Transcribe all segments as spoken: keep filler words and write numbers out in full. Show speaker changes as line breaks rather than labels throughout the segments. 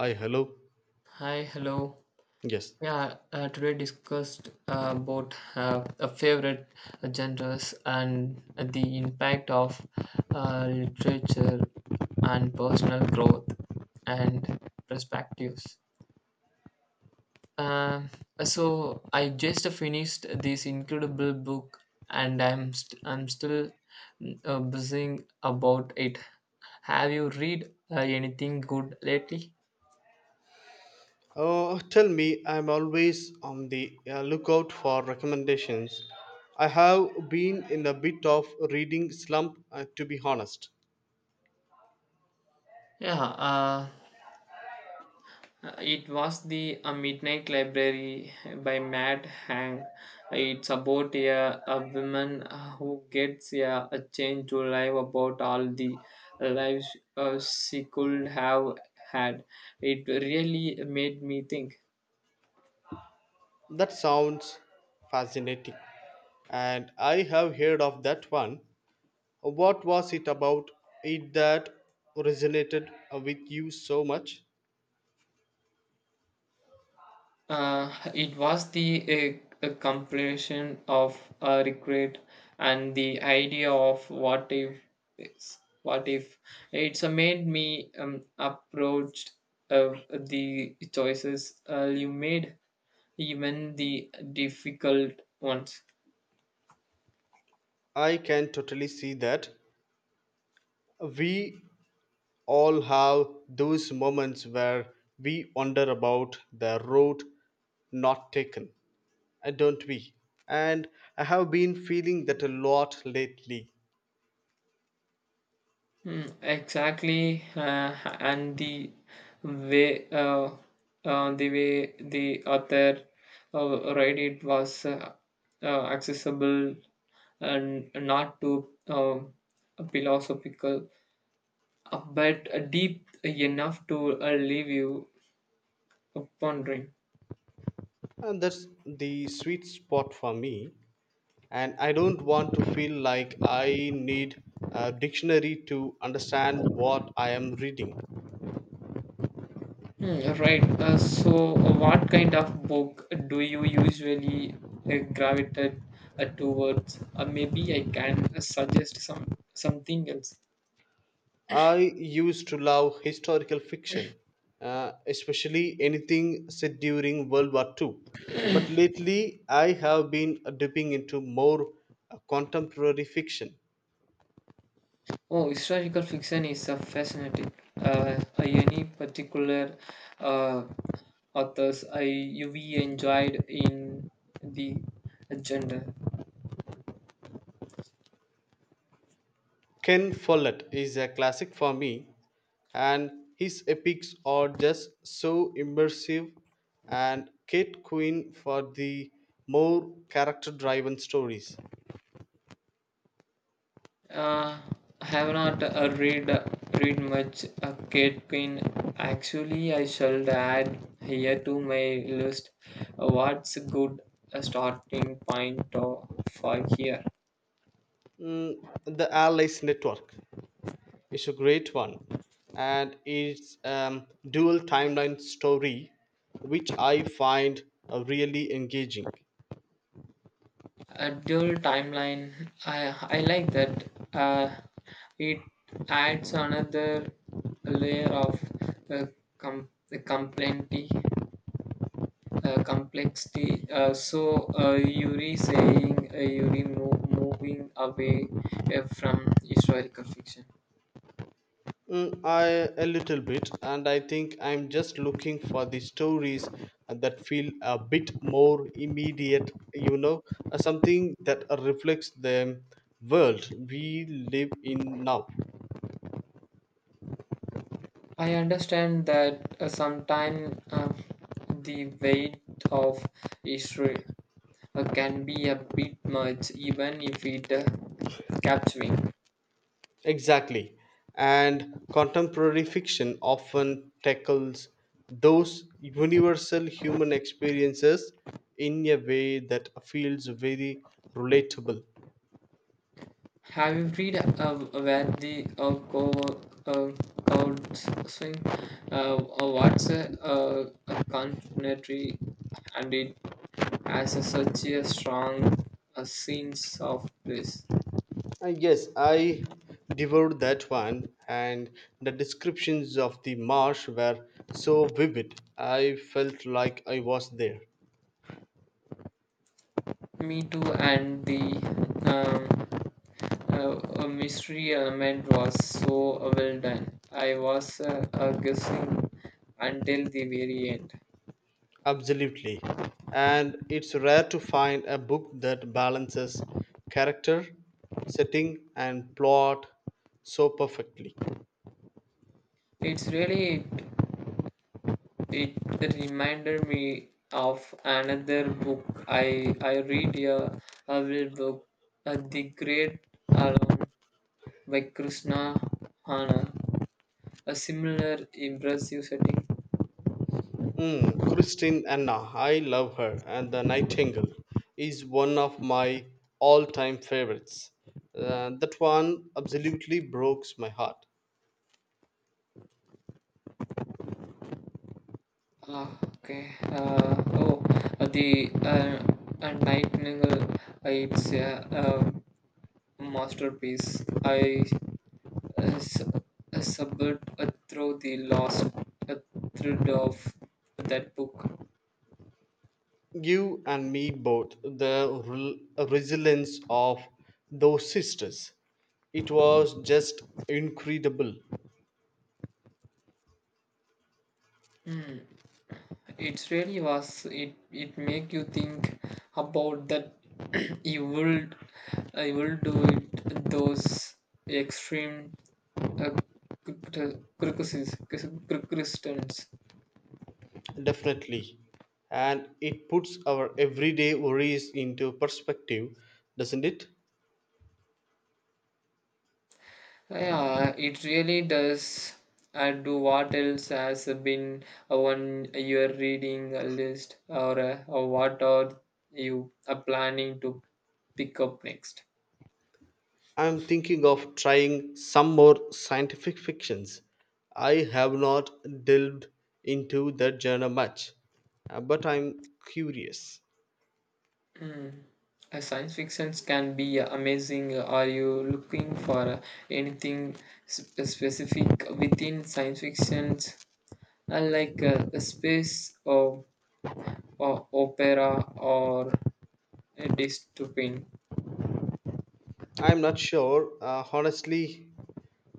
Hi, hello.
Hi, hello.
Yes.
Yeah, uh, today discussed uh, about uh, uh, favorite genres and the impact of uh, literature and personal growth and perspectives. Um so I just finished this incredible book, and I'm st- I'm still mm, uh, buzzing about it. Have you read uh, anything good lately?
Oh, tell me, I'm always on the uh, lookout for recommendations. I have been in a bit of reading slump, uh, to be honest.
Yeah, uh, Uh, It was the uh, Midnight Library by Matt Hang. It's about a, a woman uh, who gets a, a change to life about all the lives uh, she could have had. It really made me think.
That sounds fascinating. And I have heard of that one. What was it about it that resonated with you so much?
Uh, it was the a, a compilation of uh, regret and the idea of what if is what if it's uh, made me um, approached uh, the choices uh, you made, even the difficult ones.
I can totally see that. We all have those moments where we wonder about the road not taken, uh, don't we? And I have been feeling that a lot lately,
Mm, exactly, uh, and the way uh, uh, the way the author uh, write it was uh, uh, accessible and not too um, philosophical, uh, but deep enough to uh, leave you pondering.
and that's the sweet spot for me. And I don't want to feel like I need a dictionary to understand what I am reading.
Mm, right. Uh, so, uh, what kind of book do you usually uh, gravitate uh, towards? Uh, maybe I can uh, suggest some something else.
I used to love historical fiction, uh, especially anything set during World War Two. But lately, I have been dipping into more uh, contemporary fiction.
Oh, historical fiction is uh, fascinating. Uh, uh, any particular uh, authors I you we enjoyed in the genre?
Ken Follett is a classic for me, and his epics are just so immersive, and Kate Quinn for the more character driven stories.
Uh, I have not uh, read read much uh, Kate Queen. Actually, I shall add here to my list. uh, What's a good uh, starting point uh, for here?
Mm, the Allies Network. It's a great one, and it's um, dual timeline story, which I find uh, really engaging.
A dual timeline. I I like that. Uh, it adds another layer of uh, com- complexity uh, complexity. Uh, so uh, Yuri saying, uh, Yuri mo- moving away uh, from historical fiction.
Mm, I a little bit, and I think I'm just looking for the stories uh, that feel a bit more immediate you know uh, Something that reflects the world we live in now.
I understand that, uh, sometimes uh, the weight of history uh, can be a bit much, even if it uh, capturing.
Exactly. And contemporary fiction often tackles those universal human experiences in a way that feels very relatable.
Have you read uh, where the uh, co uh, code swing? Uh, uh, what's a, uh, a contemporary, and it as a, such a strong a sense of place.
Uh, yes, I devoured that one, and the descriptions of the marsh were so vivid. I felt like I was there.
Me too, and the um, uh, uh, mystery element was so well done. I was uh, uh, guessing until the very end.
Absolutely. And it's rare to find a book that balances character, setting, and plot so perfectly.
It's really it, it reminded me of another book I I read a, a little book, uh, The Great Alone by Krishna Hana. A similar impressive setting.
Mm, Christine Anna, I love her, and The Nightingale is one of my all time favorites. Uh, that one absolutely broke my heart.
Ah, okay. Uh, oh, uh, the uh, uh, Nightingale, uh, it's a uh, masterpiece. I uh, sub- uh, subbed uh, through the last uh, thread of that book.
You and me both, the rel- resilience of those sisters. It was just incredible.
Hmm. It really was. It it make you think about that evil, evil do it. Those extreme uh, cr- cr- Christians.
Definitely. And it puts our everyday worries into perspective, doesn't it?
Yeah, it really does. And do what else has been uh, on your reading uh, list, or, uh, or what are you uh, planning to pick up next?
I'm thinking of trying some more scientific fictions. I have not delved into that genre much, uh, but I'm curious.
Mm. Uh, Science fictions can be uh, amazing. Are you looking for uh, anything sp- specific within science fictions, uh, like uh, a space or, or opera or a dystopian?
I'm not sure, uh, honestly.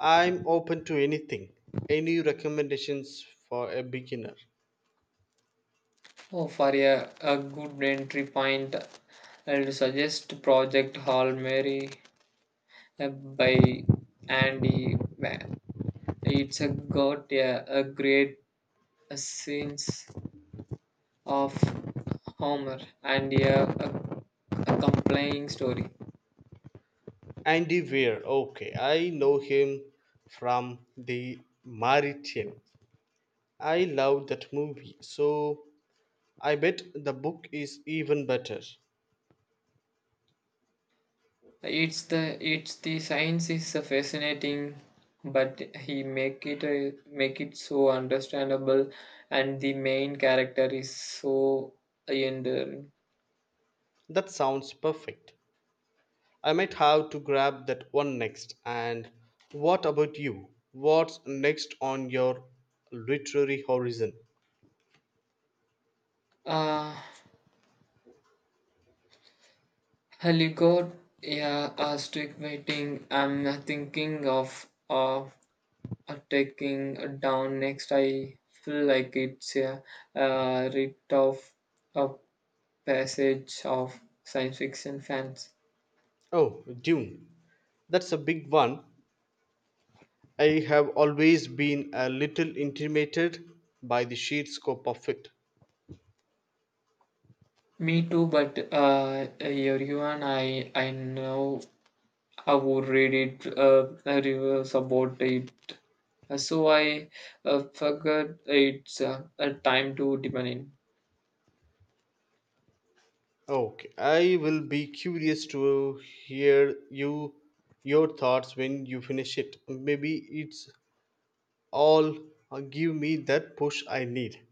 I'm open to anything. Any recommendations for a beginner?
Oh, for a, a good entry point, I'll suggest Project Hall Mary uh, by Andy. Van. It's a got a, a great uh, scenes of Homer and a, a, a compelling story.
Andy Weir, okay, I know him from the Mauritian. I love that movie, so I bet the book is even better.
It's the it's the science is a fascinating, but he make it a, make it so understandable, and the main character is so enduring.
That sounds perfect. I might have to grab that one next. And what about you? What's next on your literary horizon?
Uh, Hello, God. Yeah, I strict waiting. I'm thinking of uh, uh, taking it down next. I feel like it's a uh, rite of a passage of science fiction fans.
Oh, Dune. That's a big one. I have always been a little intimidated by the sheer scope of it.
Me too, but uh, everyone I I know I would read it uh, reviews about it. So I uh, figured it's uh, a time to depend in.
Okay, I will be curious to hear you your thoughts when you finish it. Maybe it's all uh, give me that push I need.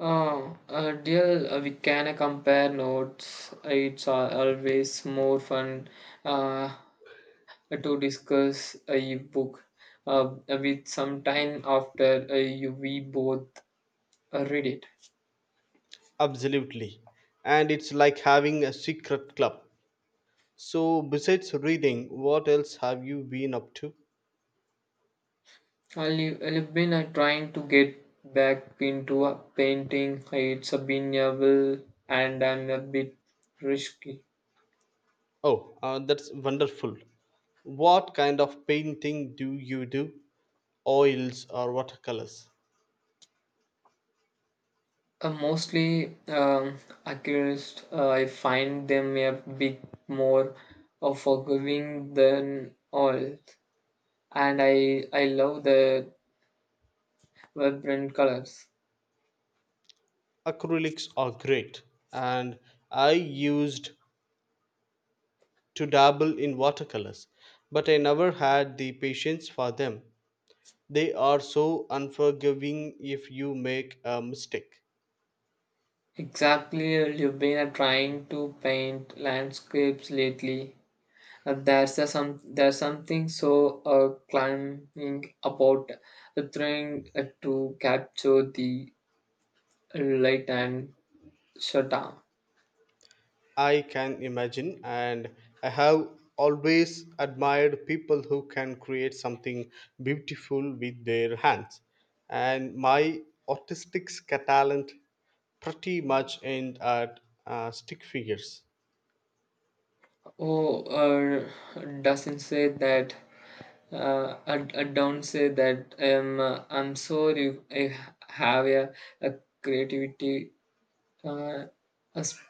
Uh, uh, dear, uh, we can uh, compare notes. It's al- always more fun uh, to discuss a book uh, with some time after uh, you, we both uh, read it.
Absolutely. And it's like having a secret club. So besides reading, what else have you been up to?
I've I've been uh, trying to get back into uh, painting. It's uh, been a while and I'm a bit risky.
Oh, uh, that's wonderful. What kind of painting do you do? Oils or watercolors?
Uh, mostly um, accused, uh, I find them a bit more uh, forgiving than all, and I I love the vibrant colors.
Acrylics are great, and I used to dabble in watercolors, but I never had the patience for them. They are so unforgiving if you make a mistake.
Exactly, uh, you've been uh, trying to paint landscapes lately. Uh, there's a some there's something so uh, climbing about uh, trying uh, to capture the light and shadow.
I can imagine, and I have always admired people who can create something beautiful with their hands. And my artistic talent pretty much end at uh, stick figures.
Oh, uh, doesn't say that. Uh, I, I don't say that I am. Uh, I'm sorry. I have a, a creativity. Uh, uh, sp-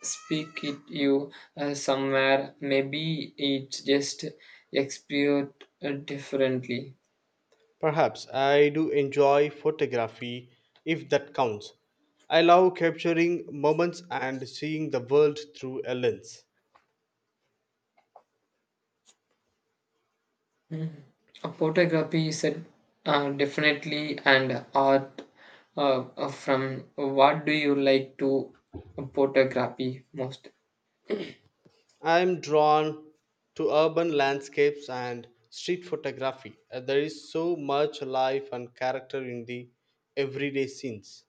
Speak it you uh, somewhere. Maybe it's just expired uh, differently.
Perhaps I do enjoy photography if that counts. I love capturing moments and seeing the world through a lens.
Uh, photography is a, uh, definitely and art. Uh, uh, from what do you like to photography most?
I am drawn to urban landscapes and street photography. Uh, There is so much life and character in the everyday scenes.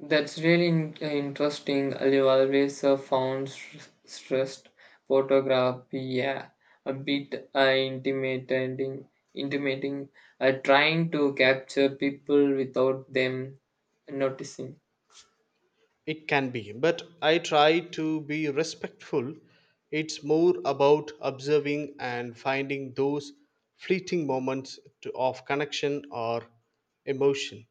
That's really in- uh, interesting. Have always uh, found s- stressed photography, yeah, a bit uh, intimidating. Intimidating, uh, trying to capture people without them noticing.
It can be, but I try to be respectful. It's more about observing and finding those fleeting moments to, of connection or emotion.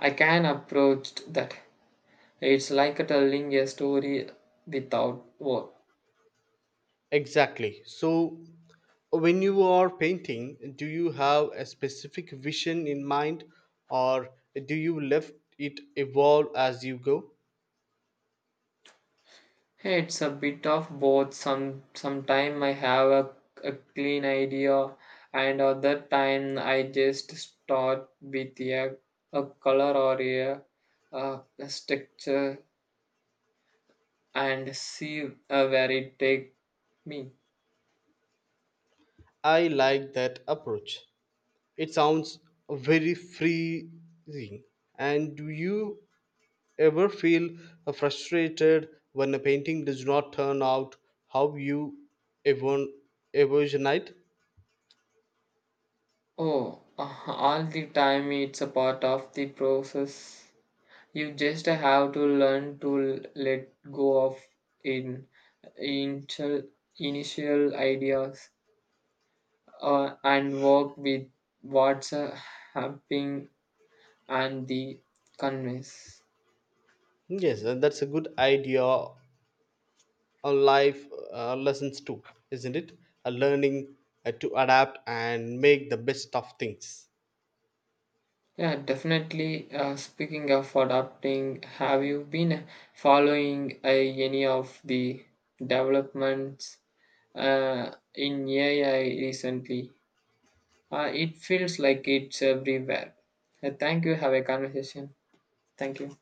I can approach that. It's like telling a story without words.
Exactly. So, when you are painting, do you have a specific vision in mind, or do you let it evolve as you go?
Hey, it's a bit of both. Some sometime I have a, a clean idea, and other time I just start with a, a color or a, uh, a structure and see uh, where it take me.
I like that approach. It sounds very freeing. And do you ever feel uh, frustrated when a painting does not turn out how you evon- envisioned?
Oh, uh, all the time, it's a part of the process. You just have to learn to l- let go of in initial initial ideas uh, and work with what's uh, happening and the conveys.
Yes, and that's a good idea on life uh, lessons too, isn't it? A learning uh, to adapt and make the best of things.
Yeah, definitely. Uh, speaking of adapting, have you been following uh, any of the developments uh, in A I recently? Uh, it feels like it's everywhere. Uh, thank you. Have a conversation. Thank you.